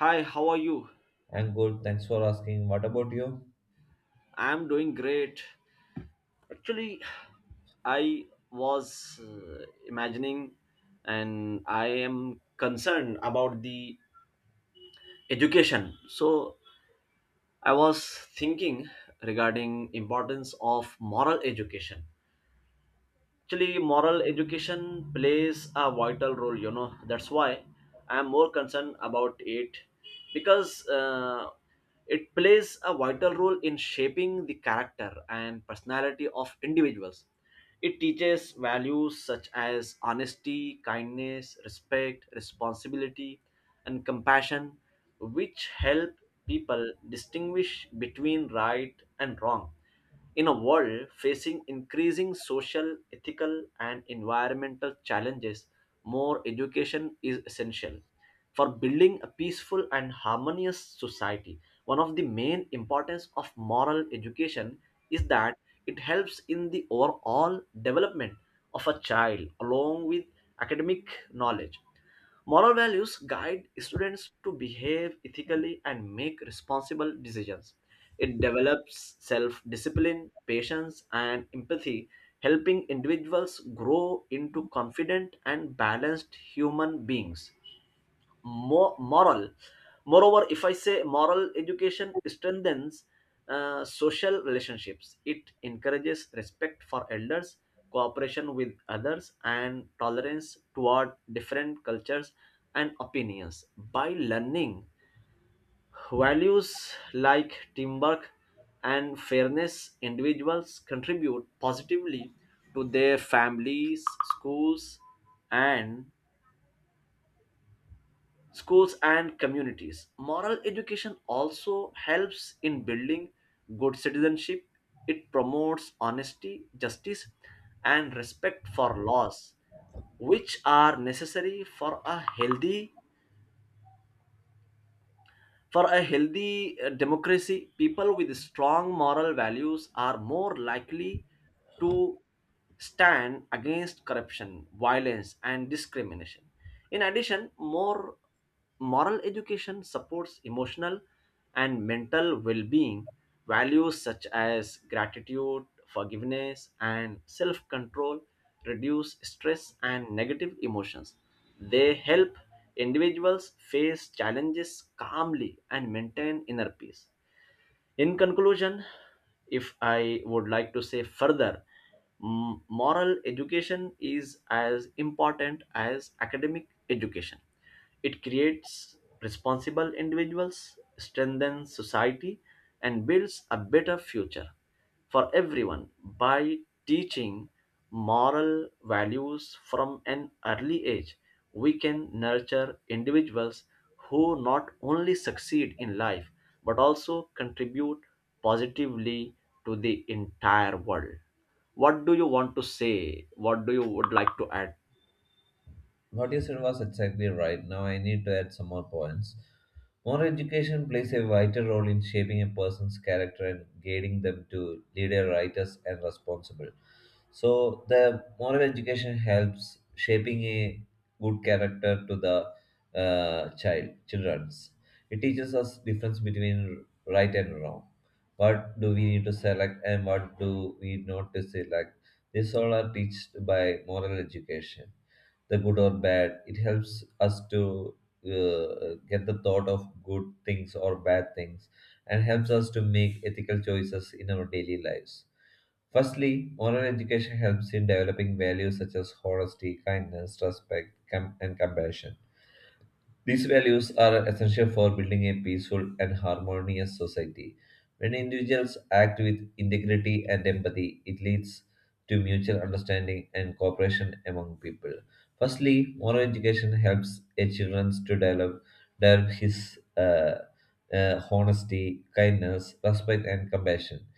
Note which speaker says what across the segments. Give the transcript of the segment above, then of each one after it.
Speaker 1: Hi, how are you?
Speaker 2: I'm good. Thanks for asking. What about you?
Speaker 1: I'm doing great. Actually, I was imagining, and I am concerned about the education. So, I was thinking regarding importance of moral education. Actually, moral education plays a vital role. That's why I am more concerned about it, because it plays a vital role in shaping the character and personality of individuals. It teaches values such as honesty, kindness, respect, responsibility, and compassion, which help people distinguish between right and wrong. In a world facing increasing social, ethical, and environmental challenges, more education is essential for building a peaceful and harmonious society. One of the main importance of moral education is that it helps in the overall development of a child along with academic knowledge. Moral values guide students to behave ethically and make responsible decisions. It develops self discipline, patience, and empathy, helping individuals grow into confident and balanced human beings. Moral. Moreover, if I say, moral education strengthens social relationships. It encourages respect for elders, cooperation with others, and tolerance toward different cultures and opinions. By learning values like teamwork and fairness, individuals contribute positively to their families, schools and schools, and communities. Moral education also helps in building good citizenship. It promotes honesty, justice, and respect for laws, which are necessary for a healthy For a healthy, democracy. People with strong moral values are more likely to stand against corruption, violence, and discrimination. In addition, more moral education supports emotional and mental well being. Values such as gratitude, forgiveness, and self control reduce stress and negative emotions. They help individuals face challenges calmly and maintain inner peace. In conclusion, if I would like to say further, moral education is as important as academic education. It creates responsible individuals, strengthens society, and builds a better future for everyone. By teaching moral values from an early age, we can nurture individuals who not only succeed in life but also contribute positively to the entire world. What do you want to say? What do you would like to add?
Speaker 2: What you said was exactly right. Now I need to add some more points. More education plays a vital role in shaping a person's character and guiding them to leader, writers, and responsible. So the moral education helps shaping a good character to the child, childrens. It teaches us difference between right and wrong. What do we need to select and what do we not to select? This all are taught by moral education the good or bad. It helps us to get the thought of good things or bad things and helps us to make ethical choices in our daily lives. Firstly, moral education helps in developing values such as honesty, kindness, respect, and compassion. These values are essential for building a peaceful and harmonious society. When individuals act with integrity and empathy, it leads to mutual understanding and cooperation among people. Firstly, moral education helps a children to develop his honesty, kindness, respect, and compassion.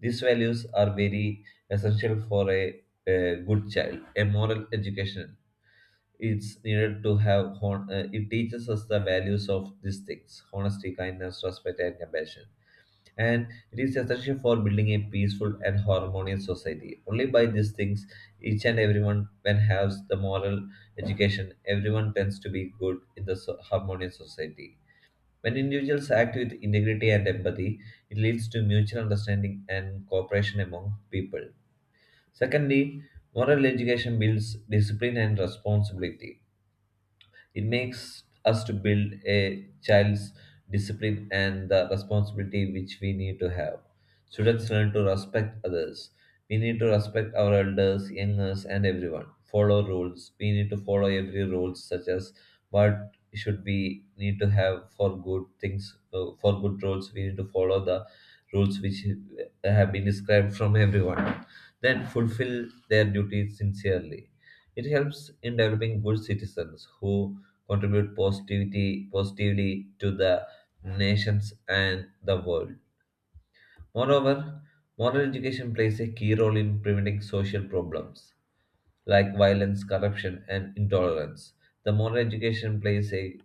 Speaker 2: These values are very essential for a good child. A moral education it's needed to have it teaches us the values of these things, honesty, kindness, respect, and compassion, and it is essential for building a peaceful and harmonious society. Only by these things, each and everyone when has the moral education, everyone tends to be good in the harmonious society. When individuals act with integrity and empathy, it leads to mutual understanding and cooperation among people. Secondly, moral education builds discipline and responsibility. It makes us to build a child's discipline and the responsibility which we need to have. Students learn to respect others. We need to respect our elders, youngers, and everyone. Follow rules. We need to follow every rules such as what should we need to have for good things, for good rules. We need to follow the rules which have been described from everyone. Then fulfill their duties sincerely. It helps in developing good citizens who contribute positively to the nations and the world. Moreover, moral education plays a key role in preventing social problems like violence, corruption, and intolerance. The modern education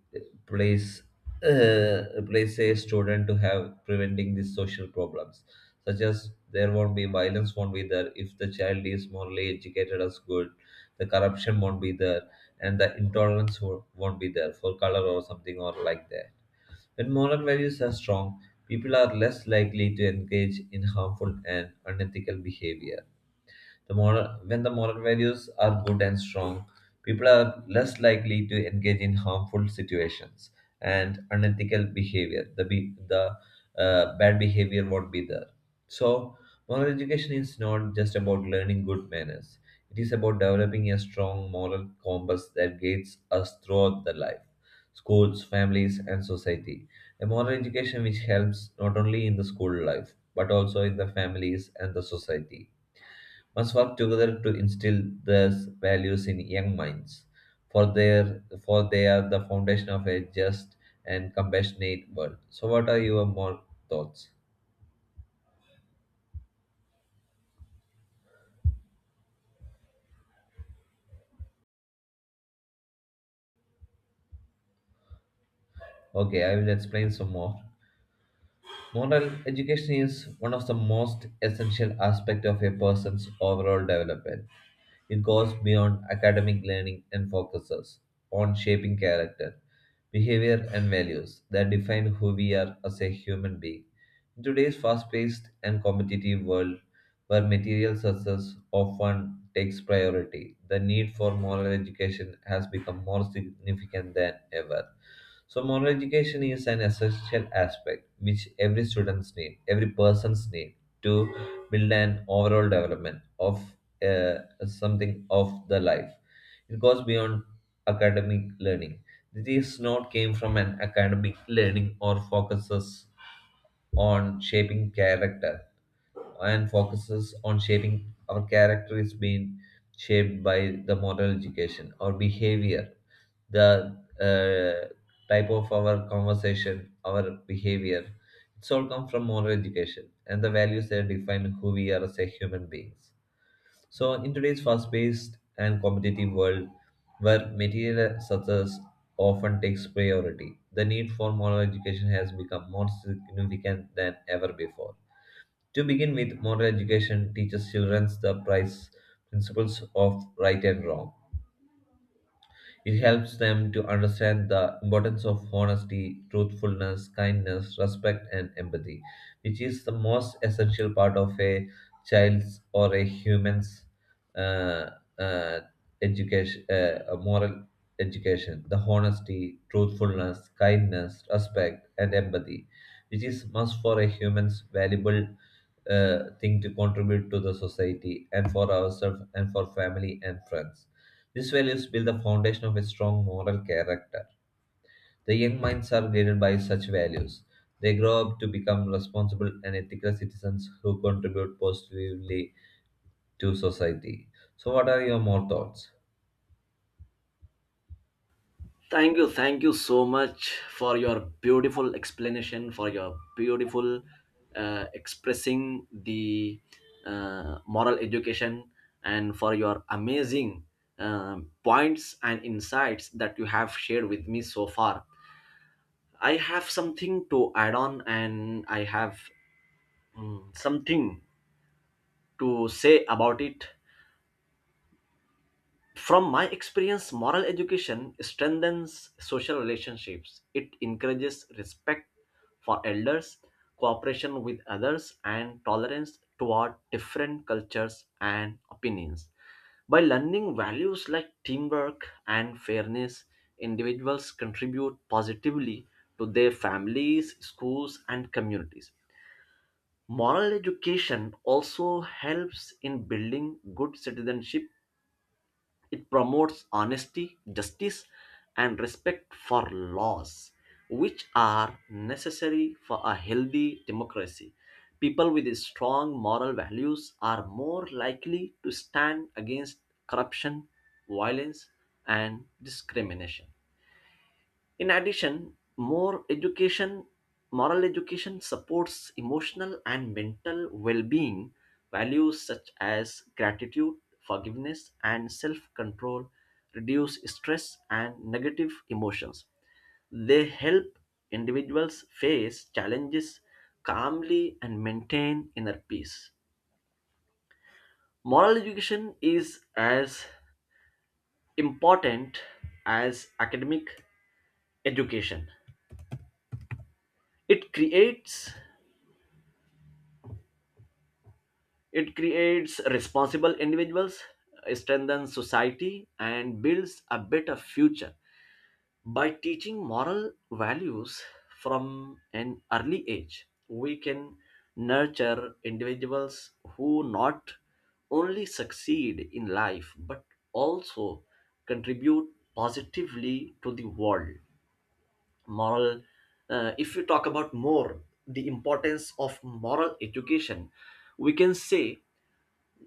Speaker 2: plays uh, plays a student to have preventing these social problems, such as there won't be violence, won't be there if the child is morally educated as good, the corruption won't be there, and the intolerance won't be there for color or something or like that. When moral values are strong, people are less likely to engage in harmful and unethical behavior. When the moral values are good and strong, people are less likely to engage in harmful situations and unethical behavior. The bad behavior won't be there. So, moral education is not just about learning good manners. It is about developing a strong moral compass that guides us throughout the life, schools, families, and society. A moral education which helps not only in the school life but also in the families and the society must work together to instill these values in young minds, for they are the foundation of a just and compassionate world. So, what are your more thoughts? Okay, I will explain some more. Moral education is one of the most essential aspects of a person's overall development. It goes beyond academic learning and focuses on shaping character, behavior, and values that define who we are as a human being. In today's fast paced and competitive world, where material success often takes priority, the need for moral education has become more significant than ever. So moral education is an essential aspect which every students need, every person's need to build an overall development of uh, something of the life. It goes beyond academic learning. This is not came from an academic learning or focuses on shaping character and focuses on shaping our character is being shaped by the moral education or behavior, the uh, type of our conversation, our behavior, it's all come from moral education and the values that define who we are as a human beings. So, in today's fast paced and competitive world where material success often takes priority, the need for moral education has become more significant than ever before. To begin with, moral education teaches children the price principles of right and wrong. It helps them to understand the importance of honesty, truthfulness, kindness, respect, and empathy, which is the most essential part of a child's or a human's uh, uh, education, a moral education. The honesty, truthfulness, kindness, respect, and empathy, which is must for a human's valuable thing to contribute to the society and for ourselves and for family and friends. These values build the foundation of a strong moral character. The young minds are guided by such values. They grow up to become responsible and ethical citizens who contribute positively to society. So, what are your more thoughts?
Speaker 1: Thank you so much for your beautiful explanation, for your beautiful expressing the moral education, and for your amazing points and insights that you have shared with me so far. I have something to add on, and I have something to say about it. From my experience, moral education strengthens social relationships. It encourages respect for elders, cooperation with others, and tolerance toward different cultures and opinions. By learning values like teamwork and fairness, individuals contribute positively to their families, schools, and communities. Moral education also helps in building good citizenship. It promotes honesty, justice, and respect for laws, which are necessary for a healthy democracy. People with strong moral values are more likely to stand against corruption, violence, and discrimination. In addition, moral education supports emotional and mental well being. Values such as gratitude, forgiveness, and self control reduce stress and negative emotions. They help individuals face challenges calmly and maintain inner peace. Moral education is as important as academic education. It creates It creates responsible individuals, strengthens society, and builds a better future. By teaching moral values from an early age, we can nurture individuals who not only succeed in life but also contribute positively to the world. Moral, if we talk about more the importance of moral education, we can say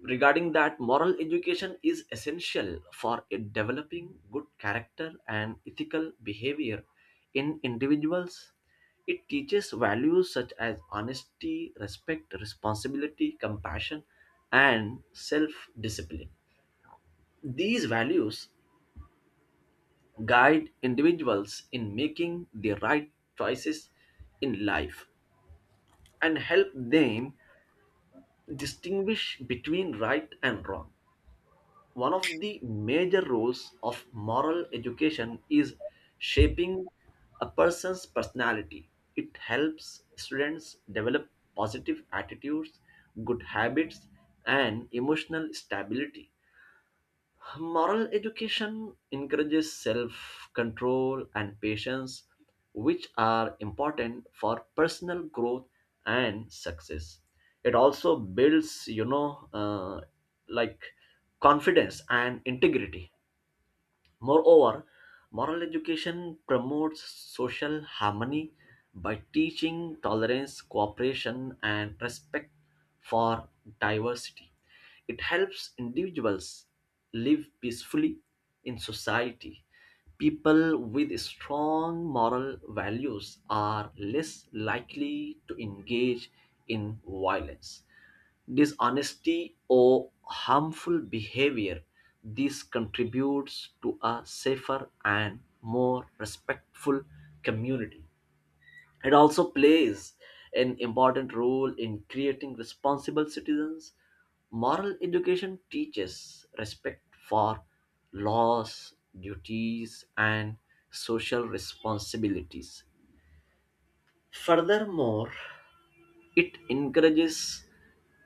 Speaker 1: regarding that moral education is essential for it developing good character and ethical behavior in individuals. It teaches values such as honesty, respect, responsibility, compassion, and self discipline. These values guide individuals in making the right choices in life and help them distinguish between right and wrong. One of the major roles of moral education is shaping a person's personality. It helps students develop positive attitudes, good habits, and emotional stability. Moral education encourages self control and patience, which are important for personal growth and success. It also builds, like, confidence and integrity. Moreover, moral education promotes social harmony by teaching tolerance, cooperation, and respect for diversity. It helps individuals live peacefully in society. People with strong moral values are less likely to engage in violence, dishonesty, or harmful behavior. This contributes to a safer and more respectful community. It also plays an important role in creating responsible citizens. Moral education teaches respect for laws, duties, and social responsibilities. Furthermore, it encourages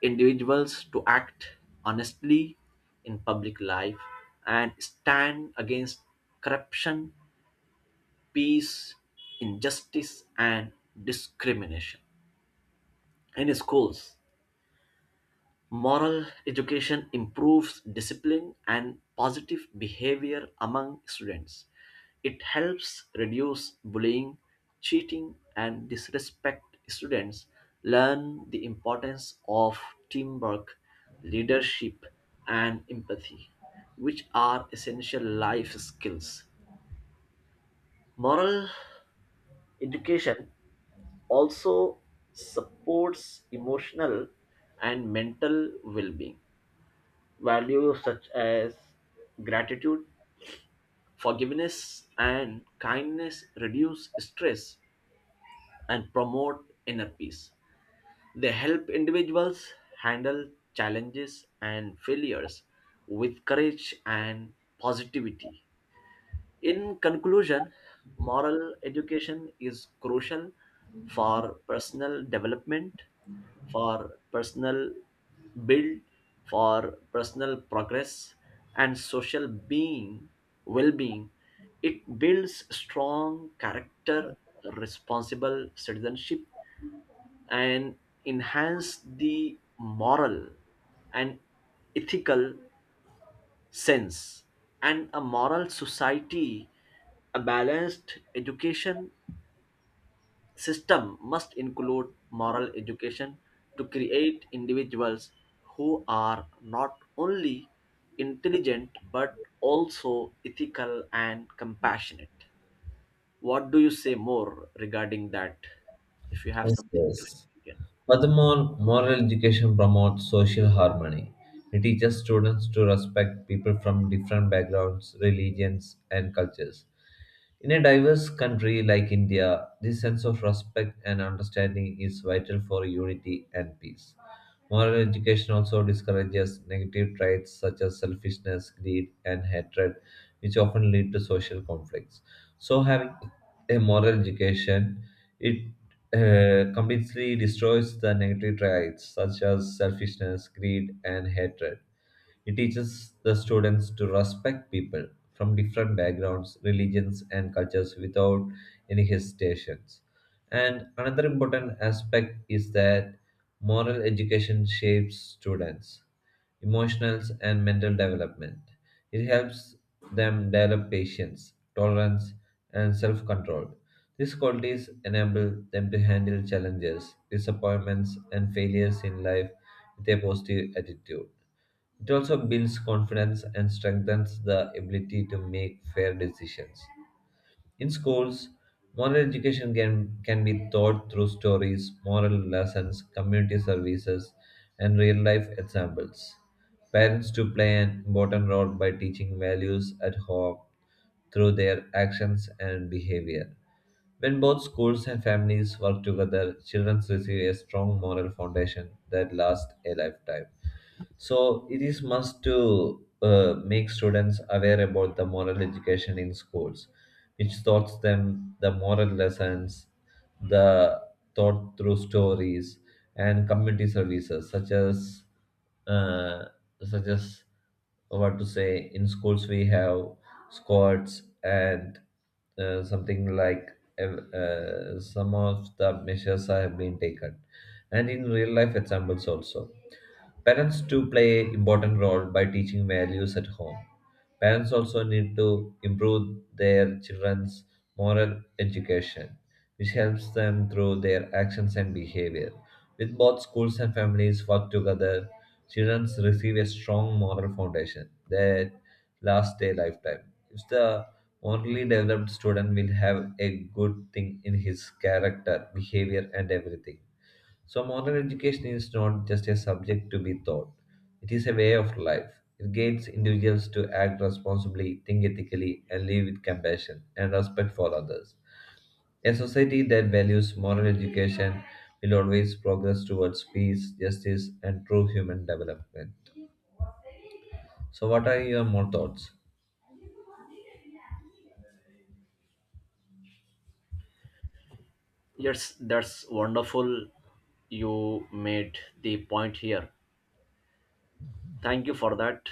Speaker 1: individuals to act honestly in public life and stand against corruption, peace, injustice, and discrimination. In schools, moral education improves discipline and positive behavior among students. It helps reduce bullying, cheating, and disrespect. Students learn the importance of teamwork, leadership, and empathy, which are essential life skills. Moral education also supports emotional and mental well being. Values such as gratitude, forgiveness, and kindness reduce stress and promote inner peace. They help individuals handle challenges and failures with courage and positivity. In conclusion, moral education is crucial for personal development, for personal build, for personal progress, and well-being. It builds strong character, responsible citizenship, and enhance the moral and ethical sense and a moral society. A balanced education system must include moral education to create individuals who are not only intelligent but also ethical and compassionate. What do you say more regarding that? If you have
Speaker 2: Yes,
Speaker 1: something to
Speaker 2: yes.
Speaker 1: share again.
Speaker 2: Furthermore, moral education promotes social harmony. It teaches students to respect people from different backgrounds, religions, and cultures. In a diverse country like India, this sense of respect and understanding is vital for unity and peace. Moral education also discourages negative traits such as selfishness, greed, and hatred, which often lead to social conflicts. So, having a moral education, it completely destroys the negative traits such as selfishness, greed, and hatred. It teaches the students to respect people from different backgrounds, religions, and cultures without any hesitations. And another important aspect is that moral education shapes students' emotional and mental development. It helps them develop patience, tolerance, and self control. These qualities enable them to handle challenges, disappointments, and failures in life with a positive attitude. It also builds confidence and strengthens the ability to make fair decisions. In schools, moral education can be taught through stories, moral lessons, community services, and real life examples. Parents to play an important role by teaching values at home through their actions and behavior. When both schools and families work together, children receive a strong moral foundation that lasts a lifetime. So it is must to make students aware about the moral education in schools, which taught them the moral lessons, the taught through stories and community services such as uh, such as what to say, in schools we have squads and something like some of the measures have been taken and in real life examples also. Parents do play an important role by teaching values at home. Parents also need to improve their children's moral education, which helps them through their actions and behavior. With both schools and families work together, children receive a strong moral foundation that lasts a lifetime. If the morally developed student will have a good thing in his character, behavior, and everything. So, modern education is not just a subject to be taught, it is a way of life. It guides individuals to act responsibly, think ethically, and live with compassion and respect for others. A society that values moral education will always progress towards peace, justice, and true human development. So, what are your more thoughts?
Speaker 1: Yes, that's wonderful. You made the point here. Thank you for that.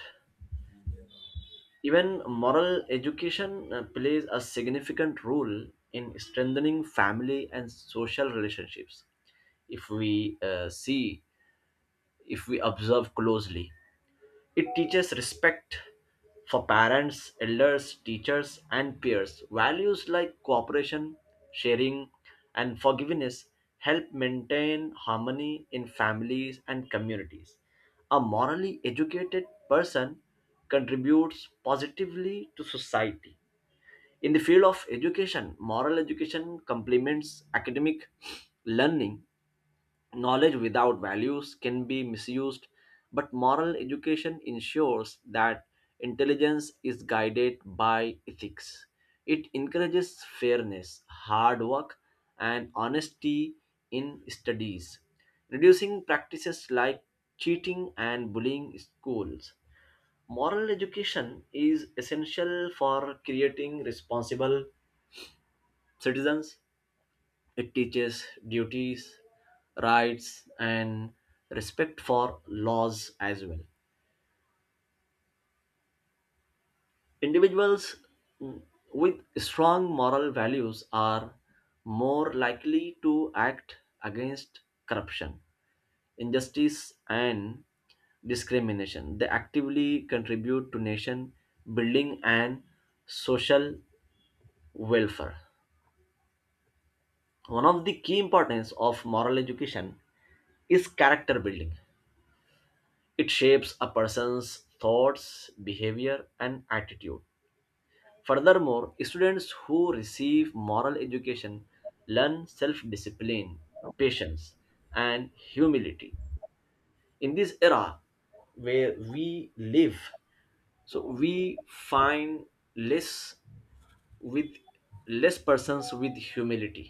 Speaker 1: Even moral education plays a significant role in strengthening family and social relationships. If we see, if we observe closely, it teaches respect for parents, elders, teachers, and peers. Values like cooperation, sharing, and forgiveness help maintain harmony in families and communities. A morally educated person contributes positively to society. In the field of education, moral education complements academic learning. Knowledge without values can be misused, but moral education ensures that intelligence is guided by ethics. It encourages fairness, hard work, and honesty in studies, reducing practices like cheating and bullying in schools. Moral education is essential for creating responsible citizens. It teaches duties, rights, and respect for laws as well. Individuals mm, with strong moral values are more likely to act against corruption, injustice, and discrimination. They actively contribute to nation building and social welfare. One of the key importance of moral education is character building. It shapes a person's thoughts, behavior, and attitude. Furthermore, students who receive moral education learn self discipline, patience, and humility. In this era where we live, so we find less with less persons with humility.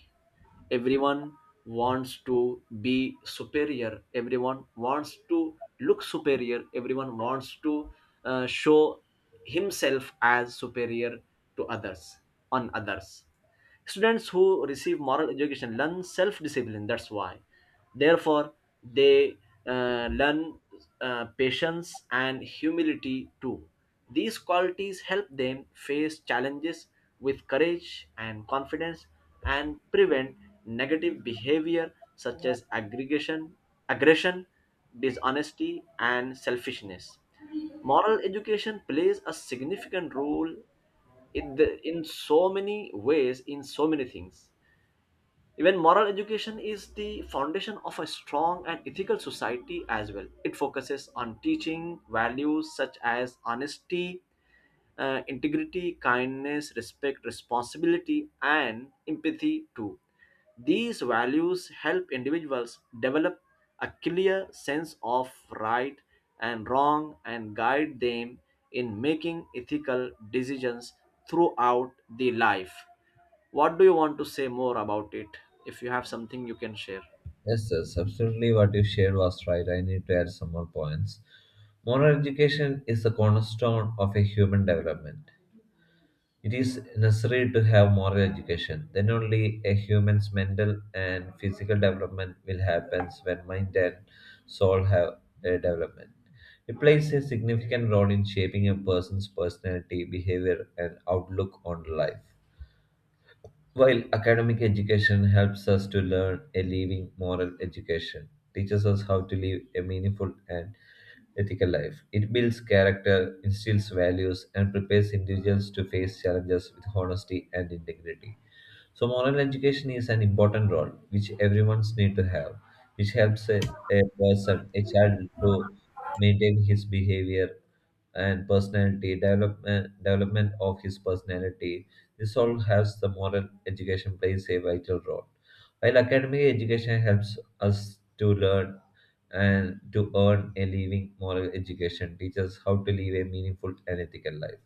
Speaker 1: Everyone wants to be superior, everyone wants to look superior, everyone wants to show himself as superior to others, on others. Students who receive moral education learn self discipline, that's why. Therefore, they learn patience and humility too. These qualities help them face challenges with courage and confidence and prevent negative behavior such as aggregation, aggression, dishonesty, and selfishness. Moral education plays a significant role, in so many ways, in so many things. Even moral education is the foundation of a strong and ethical society as well. It focuses on teaching values such as honesty, integrity, kindness, respect, responsibility, and empathy too. These values help individuals develop a clear sense of right and wrong, and guide them in making ethical decisions throughout the life. What do you want to say more about it? If you have something, you can share.
Speaker 2: Yes, yes, absolutely. What you shared was right. I need to add some more points. Moral education is the cornerstone of a human development. It is necessary to have moral education. Then only a human's mental and physical development will happen when mind and soul have a development. It plays a significant role in shaping a person's personality, behavior, and outlook on life. While academic education helps us to learn a living moral education, teaches us how to live a meaningful and ethical life. It builds character, instills values, and prepares individuals to face challenges with honesty and integrity. So moral education is an important role which everyone's need to have, which helps a person, a child to maintain his behavior and personality, development of his personality. This all has the moral education plays a vital role. While academic education helps us to learn and to earn a living, moral education teaches how to live a meaningful and ethical life.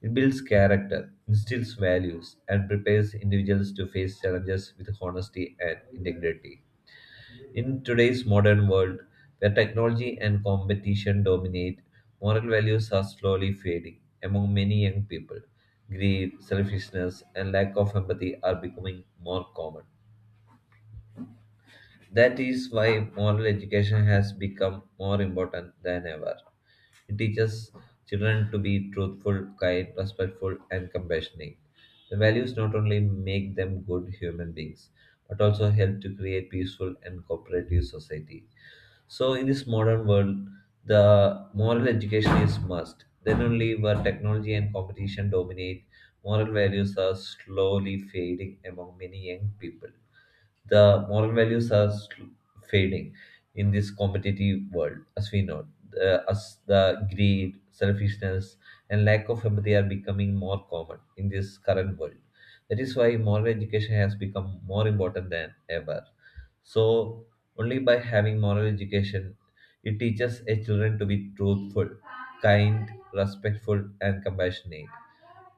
Speaker 2: It builds character, instills values, and prepares individuals to face challenges with honesty and integrity. In today's modern world, where technology and competition dominate, moral values are slowly fading among many young people. Greed, selfishness, and lack of empathy are becoming more common. That is why moral education has become more important than ever. It teaches children to be truthful, kind, respectful, and compassionate. The values not only make them good human beings, but also help to create peaceful and cooperative society. So, in this modern world, the moral education is must. Then only where technology and competition dominate, moral values are slowly fading among many young people, the moral values are fading in this competitive world, as we know. As the greed, selfishness, and lack of empathy are becoming more common in this current world. That is why moral education has become more important than ever. So, only by having moral education, it teaches a children to be truthful, kind, respectful, and compassionate.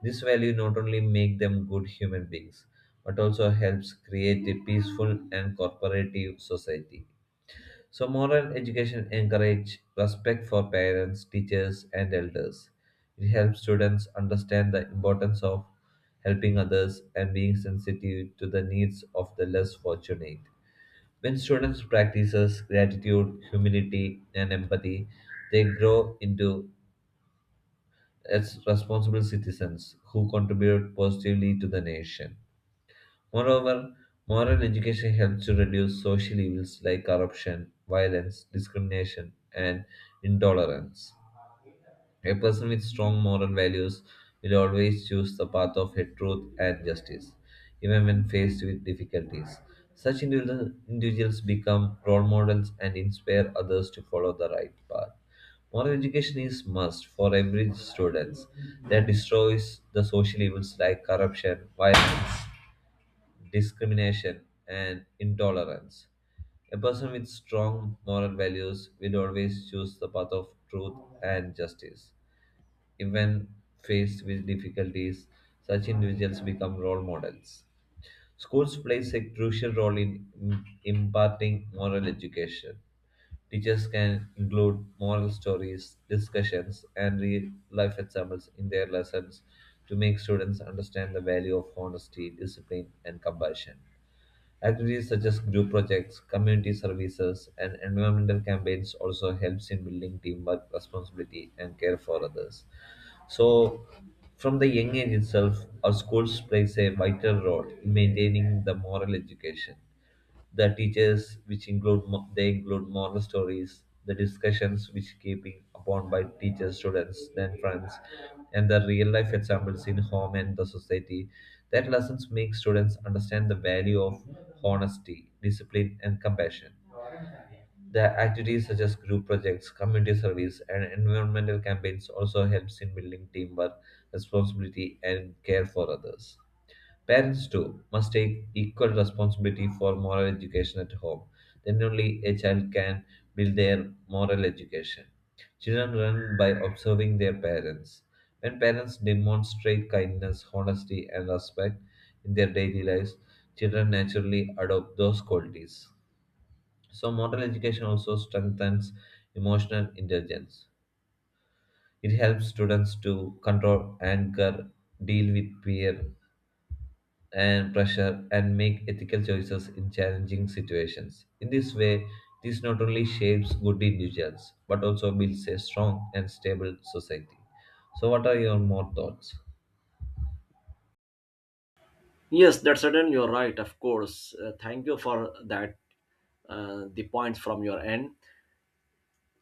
Speaker 2: This value not only make them good human beings, but also helps create a peaceful and cooperative society. So moral education encourage respect for parents, teachers, and elders. It helps students understand the importance of helping others and being sensitive to the needs of the less fortunate. When students practices gratitude, humility, and empathy, they grow into as responsible citizens who contribute positively to the nation. Moreover, moral education helps to reduce social evils like corruption, violence, discrimination, and intolerance. A person with strong moral values will always choose the path of truth and justice, even when faced with difficulties. Such individuals become role models and inspire others to follow the right path. Moral education is must for every student that destroys the social evils like corruption, violence, discrimination, and intolerance. A person with strong moral values will always choose the path of truth and justice even faced with difficulties, such individuals become role models. Schools plays a crucial role in imparting moral education. Teachers can include moral stories, discussions, and real life examples in their lessons to make students understand the value of honesty, discipline, and compassion. Activities such as group projects, community services, and environmental campaigns also helps in building teamwork, responsibility, and care for others. So, from the young age itself, our schools plays a vital role in maintaining the moral education. The teachers, which include they include moral stories, the discussions which keeping upon by teachers, students, then friends, and the real life examples in home and the society. That lessons make students understand the value of honesty, discipline, and compassion. The activities such as group projects, community service, and environmental campaigns also helps in building teamwork, responsibility, and care for others. Parents too must take equal responsibility for moral education at home. Then only a child can build their moral education. Children learn by observing their parents. When parents demonstrate kindness, honesty, and respect in their daily lives, children naturally adopt those qualities. So, moral education also strengthens emotional intelligence. It helps students to control anger, deal with fear and pressure, and make ethical choices in challenging situations. In this way, this not only shapes good individuals but also builds a strong and stable society. So, what are your more thoughts?
Speaker 1: Yes, that's certain. You're right, of course. Thank you for that, the points from your end.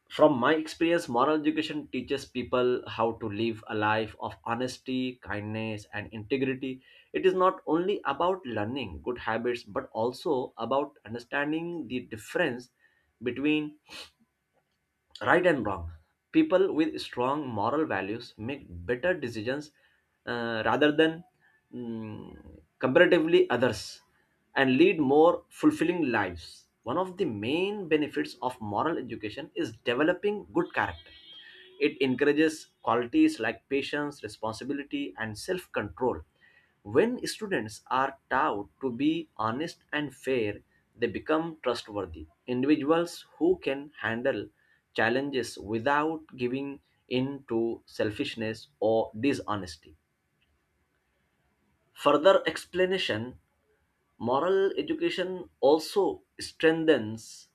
Speaker 1: From my experience, moral education teaches people how to live a life of honesty, kindness, and integrity. It is not only about learning good habits, but also about understanding the difference between right and wrong. People with strong moral values make better decisions, rather than, mm, comparatively others, and lead more fulfilling lives. One of the main benefits of moral education is developing good character. It encourages qualities like patience, responsibility, and self control. When students are taught to be honest and fair, they become trustworthy individuals who can handle challenges without giving in to selfishness or dishonesty. Further explanation. Moral education also strengthens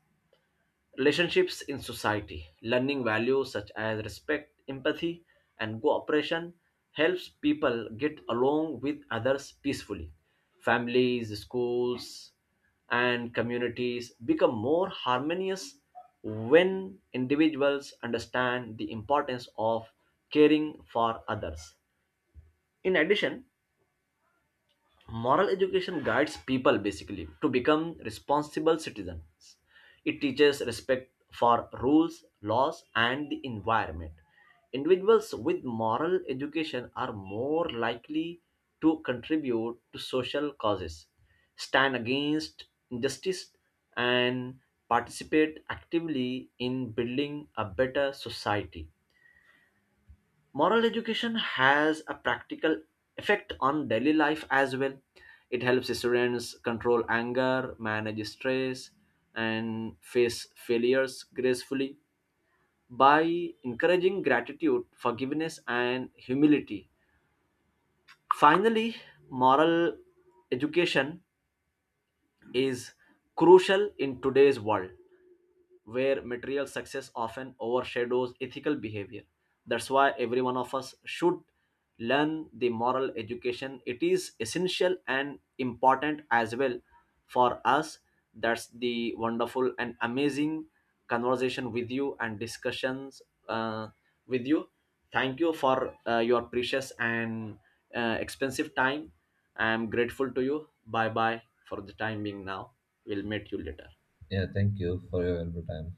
Speaker 1: relationships in society. Learning values such as respect, empathy, and cooperation helps people get along with others peacefully. Families, schools, and communities become more harmonious when individuals understand the importance of caring for others. In addition, moral education guides people basically to become responsible citizens. It teaches respect for rules, laws, and the environment. Individuals with moral education are more likely to contribute to social causes, stand against injustice, and participate actively in building a better society. Moral education has a practical effect on daily life as well. It helps students control anger, manage stress, and face failures gracefully by encouraging gratitude, forgiveness, and humility. Finally, moral education is crucial in today's world where material success often overshadows ethical behavior. That's why every one of us should learn the moral education. It is essential and important as well for us. That's the wonderful and amazing conversation with you and discussions uh, with you. Thank you for your precious and expensive time. I am grateful to you. Bye bye for the time being now. We'll meet you later.
Speaker 2: Yeah, thank you for your valuable time.